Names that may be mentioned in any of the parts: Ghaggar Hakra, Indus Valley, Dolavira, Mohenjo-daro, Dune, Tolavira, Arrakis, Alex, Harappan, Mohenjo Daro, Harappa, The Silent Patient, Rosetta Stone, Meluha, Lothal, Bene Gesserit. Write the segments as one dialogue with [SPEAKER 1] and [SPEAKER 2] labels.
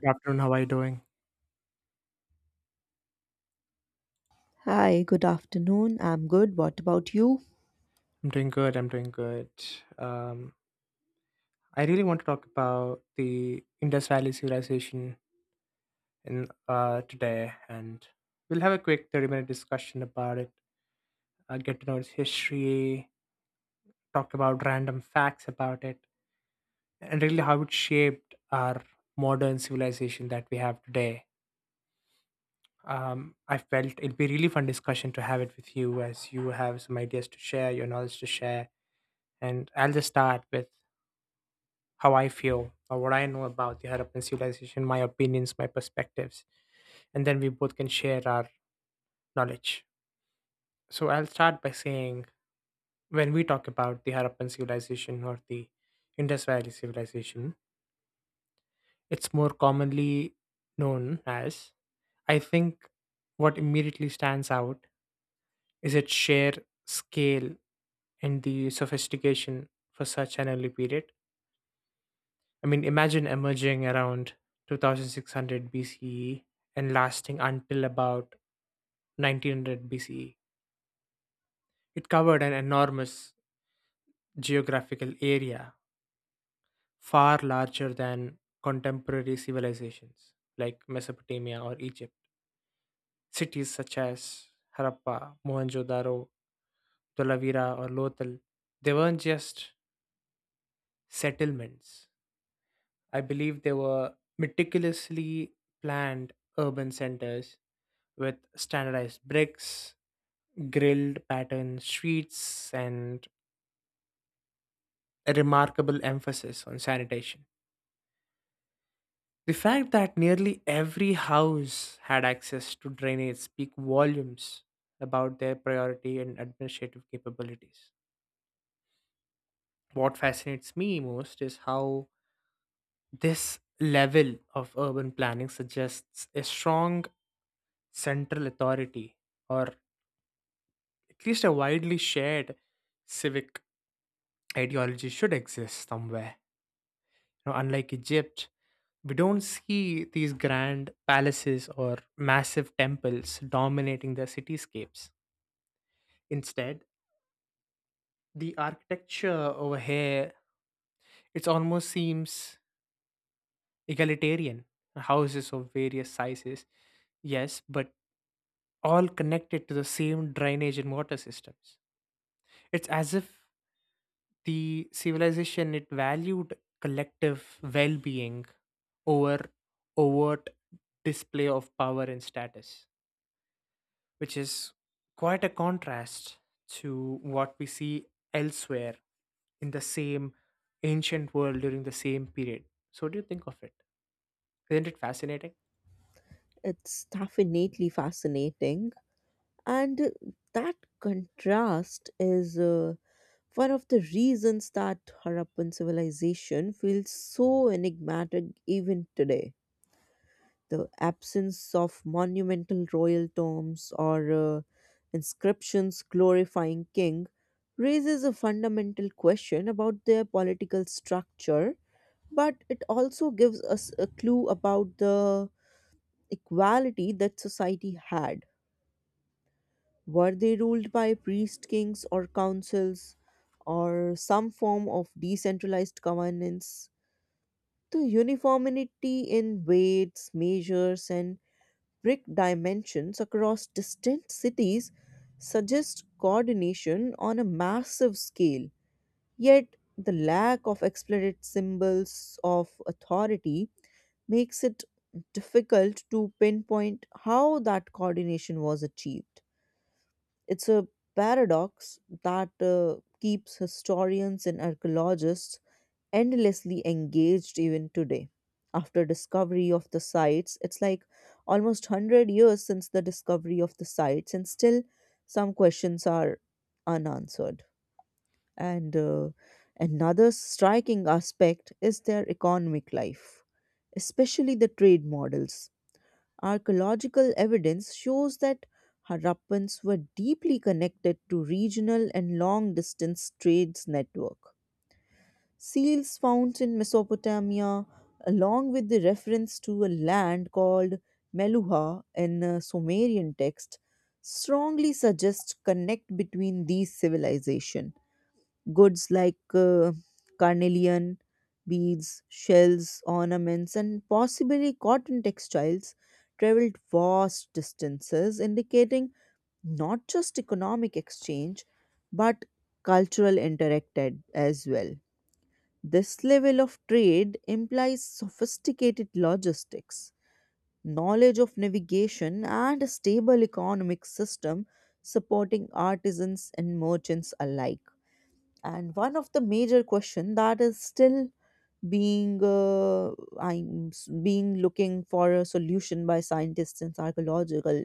[SPEAKER 1] Good afternoon. How are you doing?
[SPEAKER 2] Hi, good afternoon. I'm good. What about you?
[SPEAKER 1] I'm doing good. I'm doing good. Um, I really want to talk about the Indus Valley civilization in today, and we'll have a quick 30-minute discussion about it. Get to know its history, talk about random facts about it, and really how it shaped our modern civilization that we have today. I felt it'd be really fun discussion to have it with you, as you have some ideas to share, your knowledge to share, and I'll just start with how I feel or what I know about the Harappan civilization, my opinions, my perspectives, and then we both can share our knowledge. So I'll start by saying when we talk about the Harappan civilization or the Indus Valley civilization, it's more commonly known as, I think what immediately stands out is its sheer scale and the sophistication for such an early period. I mean, imagine emerging around 2600 BCE and lasting until about 1900 BCE. It covered an enormous geographical area, far larger than contemporary civilizations like Mesopotamia or Egypt. Cities such as Harappa, Mohenjo-daro, Tolavira, or Lothal, they weren't just settlements. I believe they were meticulously planned urban centers with standardized bricks, grilled pattern streets, and a remarkable emphasis on sanitation. The fact that nearly every house had access to drainage speak volumes about their priority and administrative capabilities. What fascinates me most is how this level of urban planning suggests a strong central authority, or at least a widely shared civic ideology should exist somewhere. You know, unlike Egypt, we don't see these grand palaces or massive temples dominating the cityscapes. Instead, the architecture over here, it almost seems egalitarian. Houses of various sizes, yes, but all connected to the same drainage and water systems. It's as if the civilization it valued collective well-being over overt display of power and status, which is quite a contrast to what we see elsewhere in the same ancient world during the same period. So, what do you think of it? Isn't it fascinating?
[SPEAKER 2] It's definitely fascinating. And that contrast is one of the reasons that Harappan civilization feels so enigmatic even today. The absence of monumental royal tombs or inscriptions glorifying king raises a fundamental question about their political structure, but it also gives us a clue about the equality that society had. Were they ruled by priest kings or councils or some form of decentralized governance? The uniformity in weights, measures, and brick dimensions across distant cities suggests coordination on a massive scale. Yet, the lack of explicit symbols of authority makes it difficult to pinpoint how that coordination was achieved. It's a paradox that keeps historians and archaeologists endlessly engaged even today. After discovery of the sites, it's like almost 100 years since the discovery of the sites, and still some questions are unanswered. And another striking aspect is their economic life, especially the trade models. Archaeological evidence shows that Harappans were deeply connected to regional and long distance trades network. Seals found in Mesopotamia, along with the reference to a land called Meluha in a Sumerian text, strongly suggest connect between these civilizations. Goods like carnelian, beads, shells, ornaments, and possibly cotton textiles traveled vast distances, indicating not just economic exchange but cultural interacted as well. This level of trade implies sophisticated logistics, knowledge of navigation, and a stable economic system supporting artisans and merchants alike. And one of the major question that is still being looking for a solution by scientists and archaeological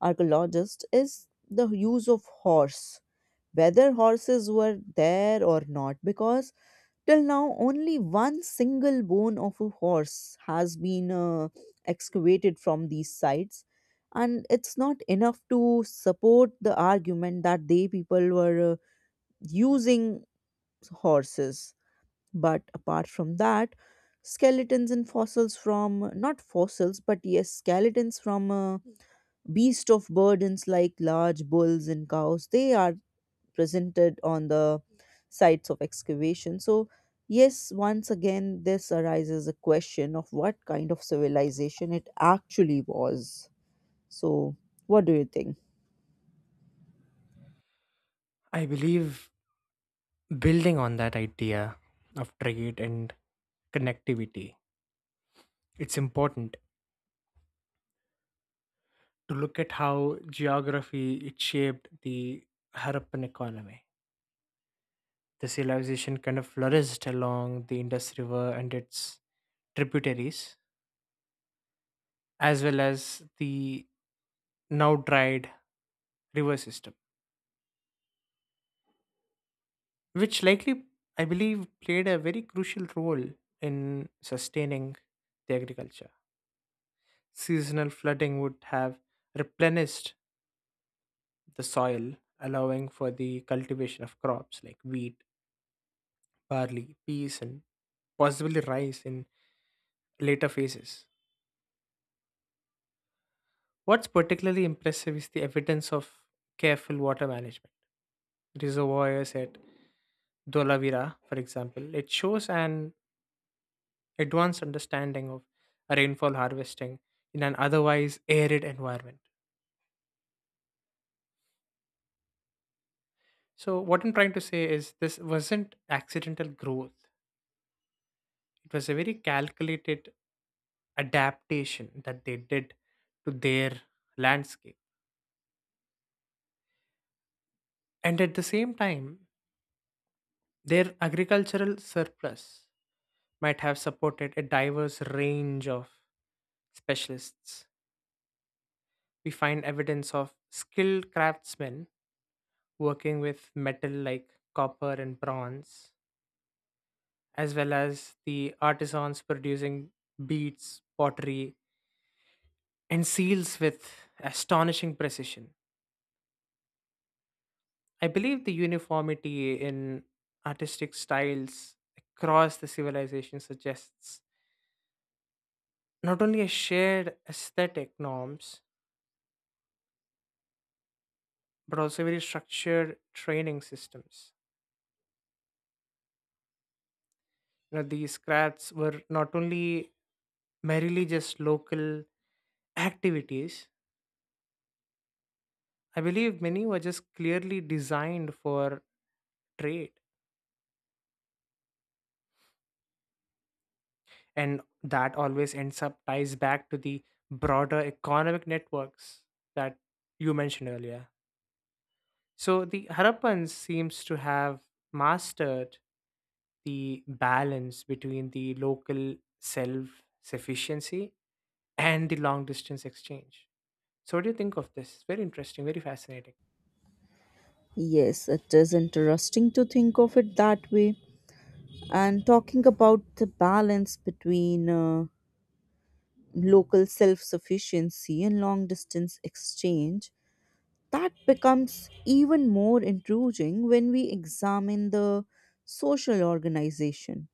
[SPEAKER 2] archaeologists is the use of horse, whether horses were there or not, because till now only one single bone of a horse has been excavated from these sites and it's not enough to support the argument that they people were using horses. But apart from that, skeletons and fossils from not fossils, but yes, skeletons from beast of burdens like large bulls and cows, they are presented on the sites of excavation. So, yes, once again, this arises a question of what kind of civilization it actually was. So, what do you think?
[SPEAKER 1] I believe building on that idea of trade and connectivity, it's important to look at how geography it shaped the Harappan economy. The civilization kind of flourished along the Indus River and its tributaries, as well as the now dried river system, which likely, I believe, played a very crucial role in sustaining the agriculture. Seasonal flooding would have replenished the soil, allowing for the cultivation of crops like wheat, barley, peas, and possibly rice in later phases. What's particularly impressive is the evidence of careful water management. Reservoirs at Dolavira, for example, it shows an advanced understanding of rainfall harvesting in an otherwise arid environment. So, what I'm trying to say is this wasn't accidental growth, it was a very calculated adaptation that they did to their landscape. And at the same time, their agricultural surplus might have supported a diverse range of specialists. We find evidence of skilled craftsmen working with metal like copper and bronze, as well as the artisans producing beads, pottery, and seals with astonishing precision. I believe the uniformity in artistic styles across the civilization suggests not only a shared aesthetic norms, but also very structured training systems. You know, these crafts were not only merely just local activities, I believe many were just clearly designed for trade, and that always ends up ties back to the broader economic networks that you mentioned earlier. So the Harappans seems to have mastered the balance between the local self-sufficiency and the long distance exchange. So what do you think of this? Very interesting, very fascinating.
[SPEAKER 2] Yes, it is interesting to think of it that way. And talking about the balance between local self sufficiency and long distance exchange, that becomes even more intriguing when we examine the social organization,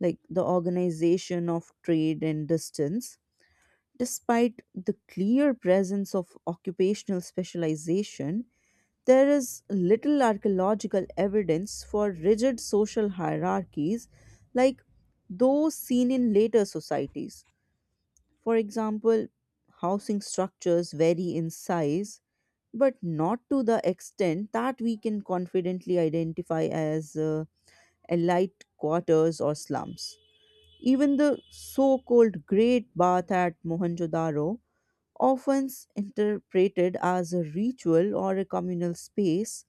[SPEAKER 2] like the organization of trade and distance. Despite the clear presence of occupational specialization, there is little archaeological evidence for rigid social hierarchies like those seen in later societies. For example, housing structures vary in size, but not to the extent that we can confidently identify as elite quarters or slums. Even the so called Great Bath at Mohenjo Daro, often interpreted as a ritual or a communal space,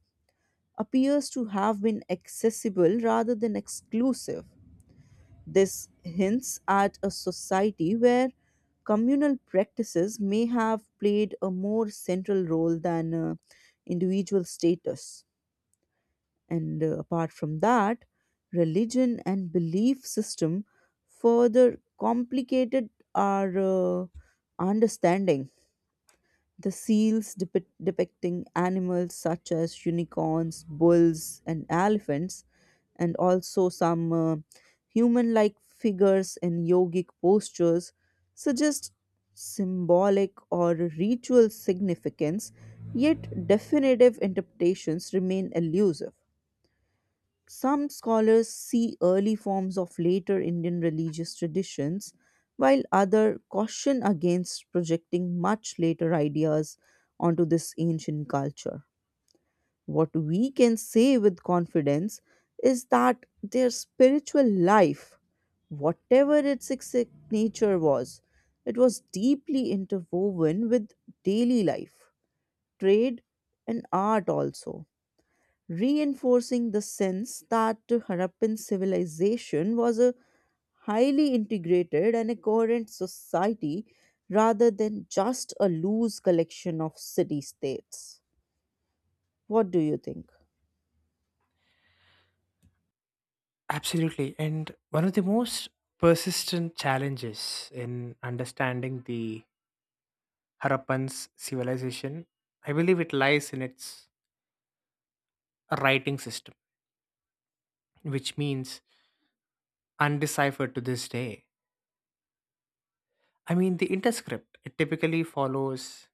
[SPEAKER 2] appears to have been accessible rather than exclusive. This hints at a society where communal practices may have played a more central role than individual status. And apart from that, religion and belief system further complicated our understanding. The seals depicting animals such as unicorns, bulls, and elephants, and also some human like figures in yogic postures, suggest symbolic or ritual significance, yet definitive interpretations remain elusive. Some scholars see early forms of later Indian religious traditions, while others caution against projecting much later ideas onto this ancient culture. What we can say with confidence is that their spiritual life, whatever its exact nature was, it was deeply interwoven with daily life, trade, and art, also reinforcing the sense that Harappan civilization was a highly integrated and a coherent society rather than just a loose collection of city states. What do you think?
[SPEAKER 1] Absolutely. And one of the most persistent challenges in understanding the Harappan's civilization, I believe it lies in its writing system, which means undeciphered to this day. I mean, the interscript it typically follows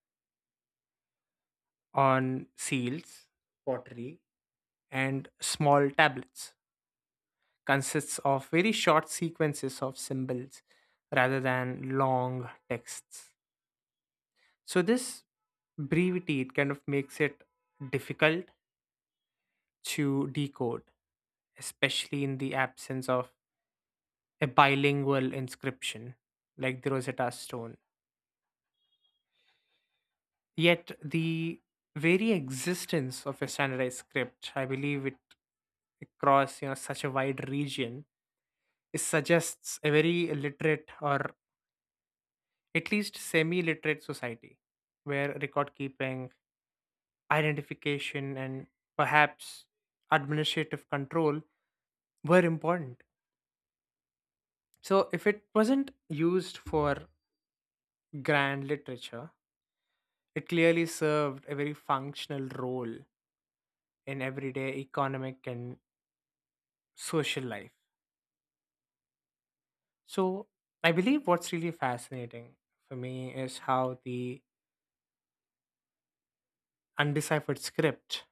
[SPEAKER 1] on seals, pottery, and small tablets, consists of very short sequences of symbols rather than long texts. So, this brevity it kind of makes it difficult to decode, especially in the absence of a bilingual inscription like the Rosetta Stone. Yet, the very existence of a standardized script, I believe it across you know such a wide region, it suggests a very illiterate or at least semi-literate society where record keeping, identification, and perhaps administrative control were important. So if it wasn't used for grand literature, it clearly served a very functional role in everyday economic and social life. So I believe what's really fascinating for me is how the undeciphered script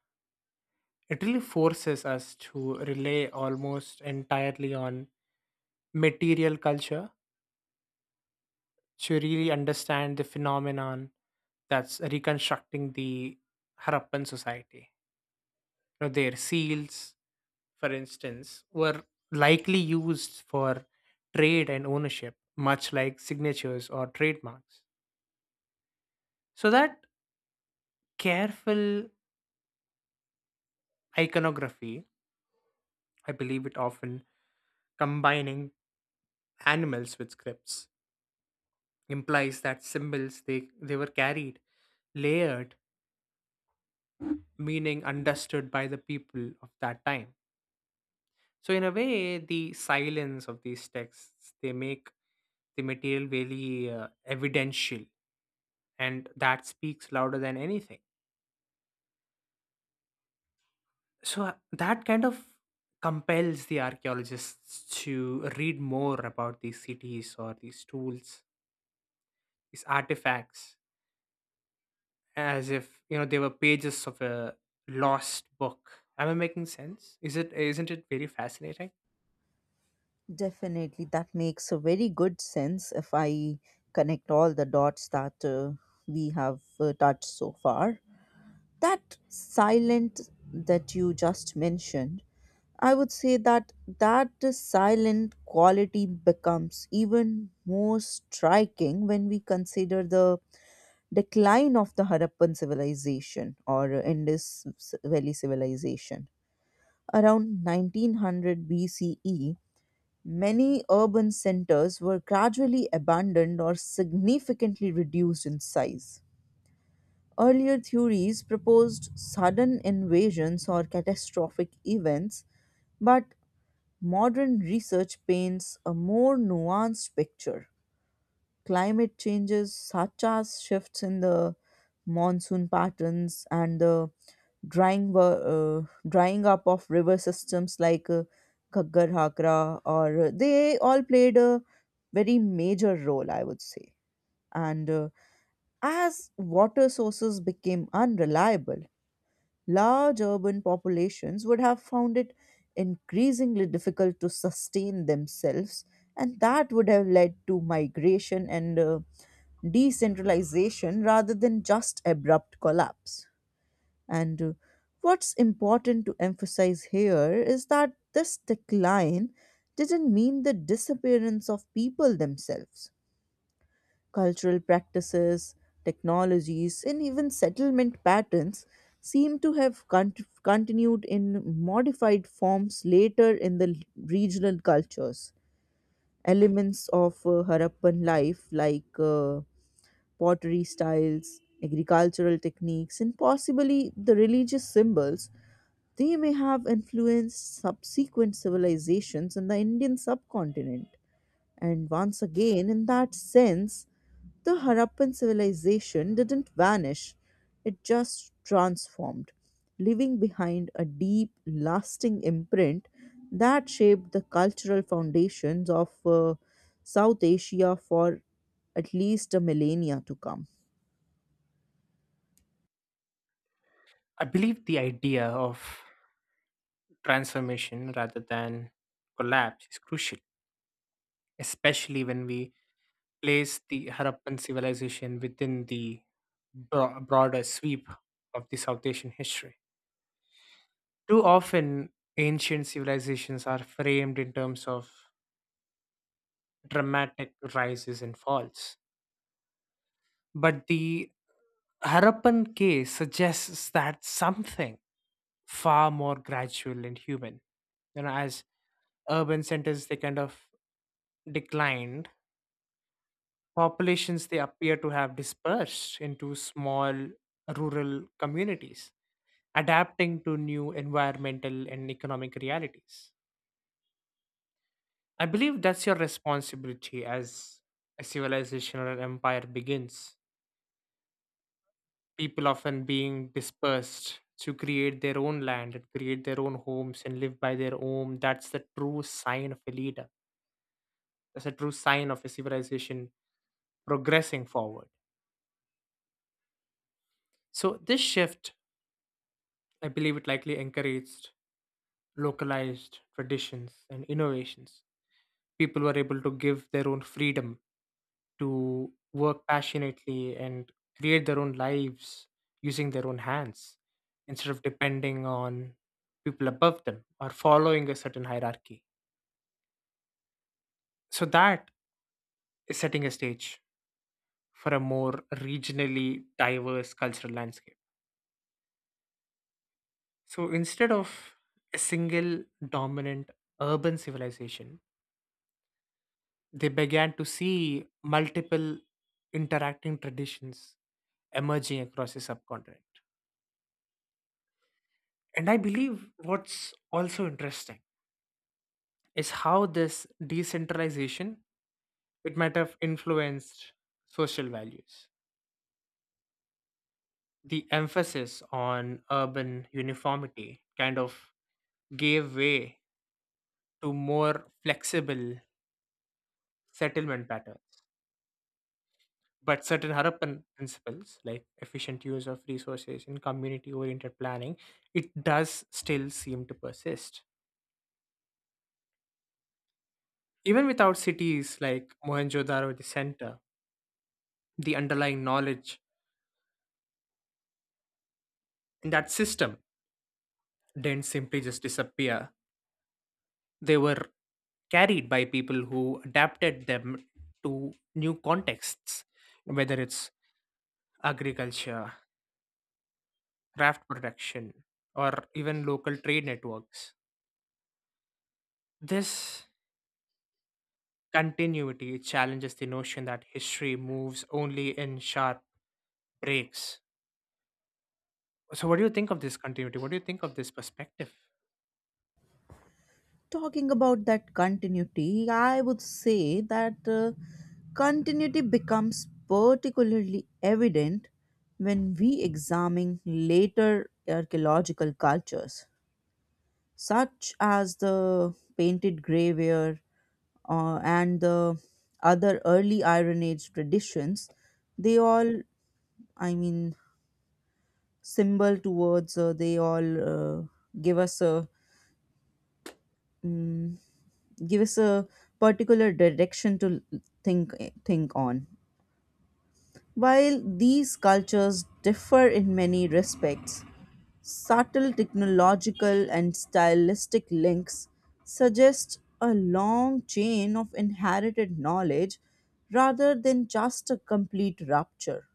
[SPEAKER 1] it really forces us to rely almost entirely on material culture to really understand the phenomenon, that's reconstructing the Harappan society. You know, their seals, for instance, were likely used for trade and ownership, much like signatures or trademarks. So that careful iconography, I believe it often combining animals with scripts, implies that symbols they were carried layered meaning understood by the people of that time. So in a way the silence of these texts they make the material very evidential, and that speaks louder than anything. So that kind of compels the archaeologists to read more about these cities or these tools, these artifacts, as if you know they were pages of a lost book. Am I making sense? Is it, isn't it very fascinating?
[SPEAKER 2] Definitely, that makes a very good sense if I connect all the dots that we have touched so far. That silent that you just mentioned, I would say that that silent quality becomes even more striking when we consider the decline of the Harappan civilization or Indus Valley civilization. Around 1900 BCE, many urban centers were gradually abandoned or significantly reduced in size. Earlier theories proposed sudden invasions or catastrophic events, but modern research paints a more nuanced picture. Climate changes, such as shifts in the monsoon patterns and the drying up of river systems like Ghaggar Hakra, or they all played a very major role, I would say. And as water sources became unreliable, large urban populations would have found it increasingly difficult to sustain themselves, and that would have led to migration and decentralization rather than just abrupt collapse. And what's important to emphasize here is that this decline didn't mean the disappearance of people themselves. Cultural practices, technologies, and even settlement patterns seem to have continued in modified forms later in the regional cultures. Elements of Harappan life, like pottery styles, agricultural techniques, and possibly the religious symbols, they may have influenced subsequent civilizations in the Indian subcontinent. And once again, in that sense, the Harappan civilization didn't vanish, it just transformed, leaving behind a deep, lasting imprint that shaped the cultural foundations of South Asia for at least a millennia to come.
[SPEAKER 1] I believe the idea of transformation rather than collapse is crucial, especially when we place the Harappan civilization within the broader sweep of the South Asian history. Too often ancient civilizations are framed in terms of dramatic rises and falls, but the Harappan case suggests that something far more gradual and human. You know, as urban centers they kind of declined, populations they appear to have dispersed into small rural communities, adapting to new environmental and economic realities. I believe that's your responsibility. As a civilization or an empire begins, people often being dispersed to create their own land and create their own homes and live by their own, that's the true sign of a leader, that's a true sign of a civilization progressing forward. So this shift, I believe it likely encouraged localized traditions and innovations. People were able to give their own freedom to work passionately and create their own lives using their own hands, instead of depending on people above them or following a certain hierarchy. So that is setting a stage for a more regionally diverse cultural landscape. So instead of a single dominant urban civilization, they began to see multiple interacting traditions emerging across the subcontinent. And I believe what's also interesting is how this decentralization it might have influenced social values. The emphasis on urban uniformity kind of gave way to more flexible settlement patterns. But certain Harappan principles, like efficient use of resources and community oriented planning, it does still seem to persist. Even without cities like Mohenjo Daro, the center, the underlying knowledge in that system didn't simply just disappear. They were carried by people who adapted them to new contexts, whether it's agriculture, raft production, or even local trade networks. This continuity challenges the notion that history moves only in sharp breaks. So, what do you think of this continuity? What do you think of this perspective?
[SPEAKER 2] Talking about that continuity, I would say that continuity becomes particularly evident when we examine later archaeological cultures, such as the painted graveware and the other early Iron Age traditions. They all, I mean, symbol towards, they all give us a mm give us a particular direction to think think on. While these cultures differ in many respects, subtle technological and stylistic links suggest a long chain of inherited knowledge rather than just a complete rupture.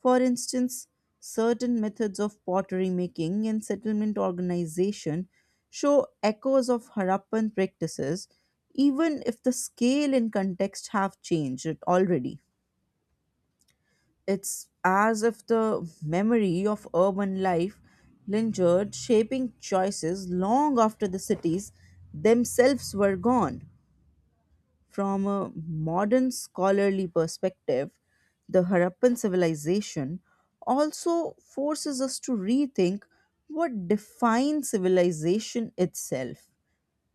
[SPEAKER 2] For instance, certain methods of pottery making and settlement organization show echoes of Harappan practices, even if the scale and context have changed already. It's as if the memory of urban life lingered, shaping choices long after the cities themselves were gone. From a modern scholarly perspective, the Harappan civilization also forces us to rethink what defines civilization itself.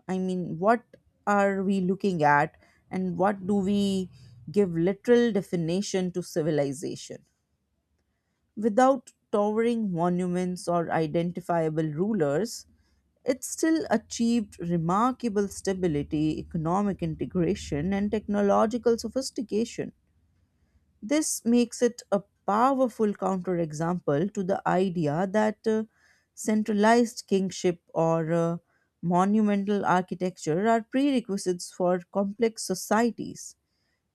[SPEAKER 2] I mean, what are we looking at and what do we give literal definition to civilization? Without towering monuments or identifiable rulers, it still achieved remarkable stability, economic integration, and technological sophistication. This makes it a powerful counterexample to the idea that centralized kingship or monumental architecture are prerequisites for complex societies.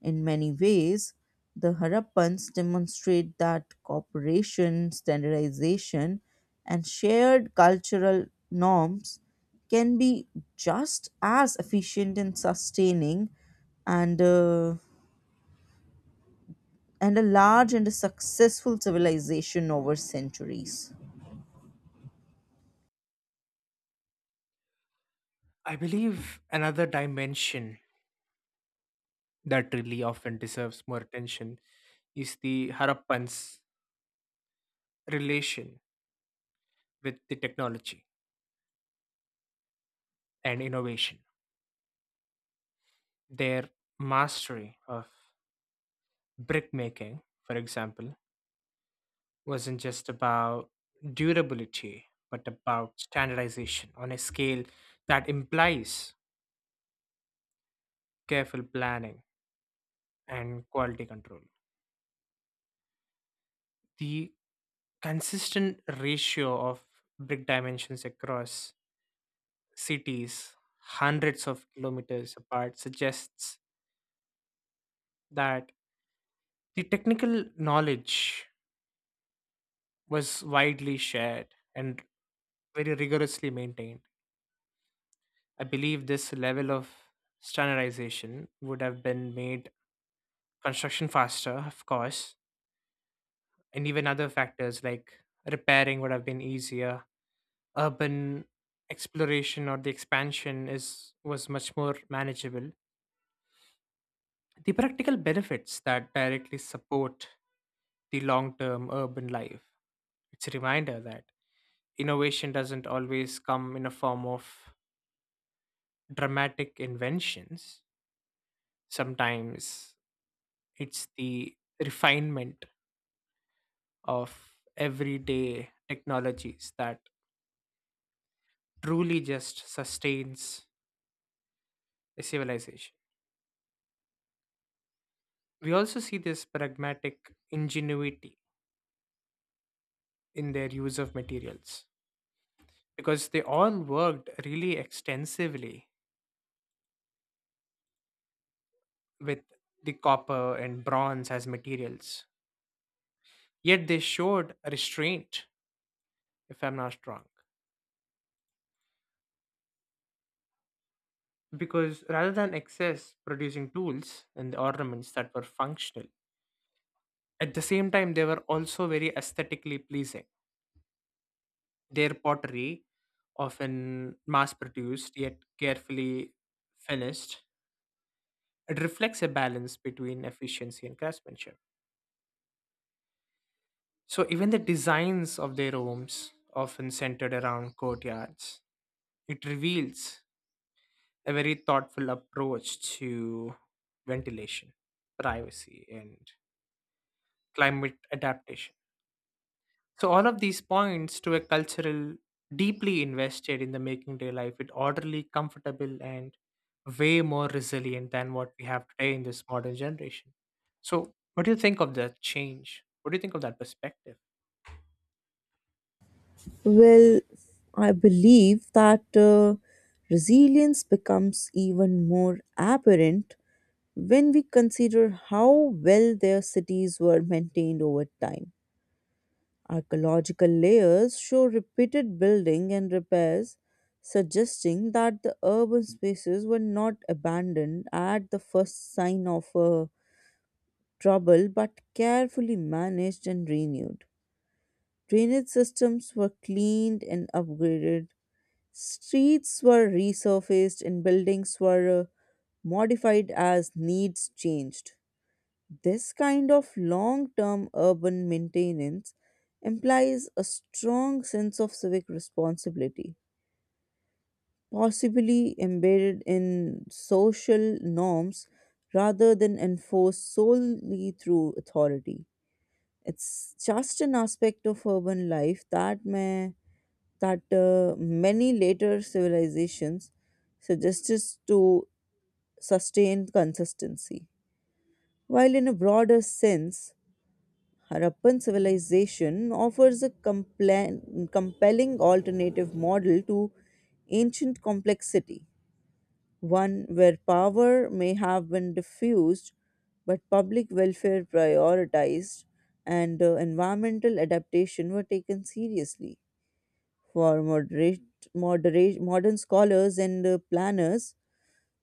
[SPEAKER 2] In many ways, the Harappans demonstrate that cooperation, standardization, and shared cultural norms can be just as efficient in sustaining and, uh, and a large and a successful civilization over centuries.
[SPEAKER 1] I believe another dimension that really often deserves more attention is the Harappan's relation with the technology and innovation. Their mastery of brickmaking, for example, wasn't just about durability, but about standardization on a scale that implies careful planning and quality control. The consistent ratio of brick dimensions across cities hundreds of kilometers apart suggests that the technical knowledge was widely shared and very rigorously maintained. I believe this level of standardization would have been made construction faster, of course, and even other factors like repairing would have been easier. Urban exploration or the expansion is was much more manageable. The practical benefits that directly support the long-term urban life. It's a reminder that innovation doesn't always come in a form of dramatic inventions. Sometimes it's the refinement of everyday technologies that truly just sustains a civilization. We also see this pragmatic ingenuity in their use of materials, because they all worked really extensively with the copper and bronze as materials. Yet they showed restraint, if I'm not wrong, because rather than excess producing tools and ornaments that were functional, at the same time they were also very aesthetically pleasing. Their pottery, often mass produced yet carefully finished, it reflects a balance between efficiency and craftsmanship. So even the designs of their homes often centered around courtyards, it reveals a very thoughtful approach to ventilation, privacy, and climate adaptation. So all of these points to a cultural deeply invested in the making day life it orderly, comfortable, and way more resilient than what we have today in this modern generation. So what do you think of that change? What do you think of that perspective?
[SPEAKER 2] Well, I believe that resilience becomes even more apparent when we consider how well their cities were maintained over time. Archaeological layers show repeated building and repairs, suggesting that the urban spaces were not abandoned at the first sign of trouble but carefully managed and renewed. Drainage systems were cleaned and upgraded, streets were resurfaced, and buildings were modified as needs changed. This kind of long term urban maintenance implies a strong sense of civic responsibility, possibly embedded in social norms rather than enforced solely through authority. It's just an aspect of urban life that may that many later civilizations suggested to sustain consistency. While in a broader sense, Harappan civilization offers a compelling alternative model to ancient complexity, one where power may have been diffused but public welfare prioritized, and environmental adaptation were taken seriously. For modern scholars and planners,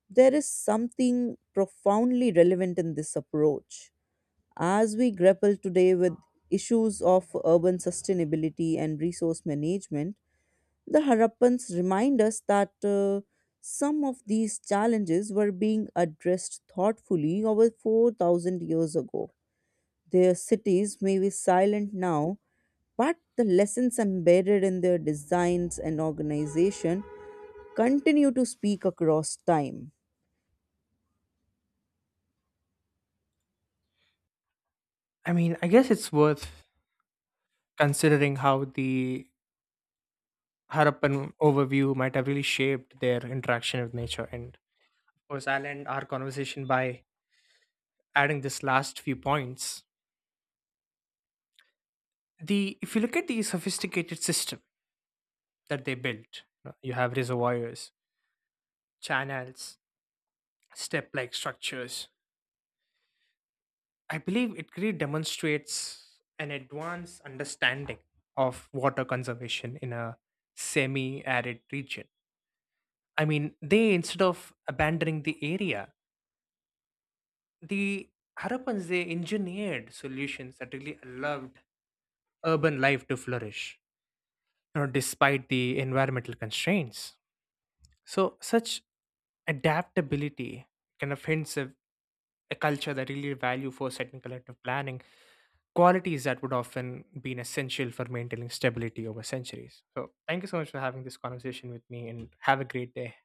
[SPEAKER 2] there is something profoundly relevant in this approach. As we grapple today with issues of urban sustainability and resource management, the Harappans remind us that some of these challenges were being addressed thoughtfully over 4,000 years ago. Their cities may be silent now, but the lessons embedded in their designs and organization continue to speak across time.
[SPEAKER 1] I mean, I guess it's worth considering how the Harappan overview might have really shaped their interaction with nature. And of course, I'll end our conversation by adding this last few points. The if you look at the sophisticated system that they built. You have reservoirs, channels, step like structures. I believe it really demonstrates an advanced understanding of water conservation in a semi arid region. I mean, they, instead of abandoning the area, the Harappans, they engineered solutions that really allowed urban life to flourish, you know, despite the environmental constraints. So, such adaptability kind of hints at a culture that really value foresight and collective planning, qualities that would often be essential for maintaining stability over centuries. So, thank you so much for having this conversation with me and have a great day.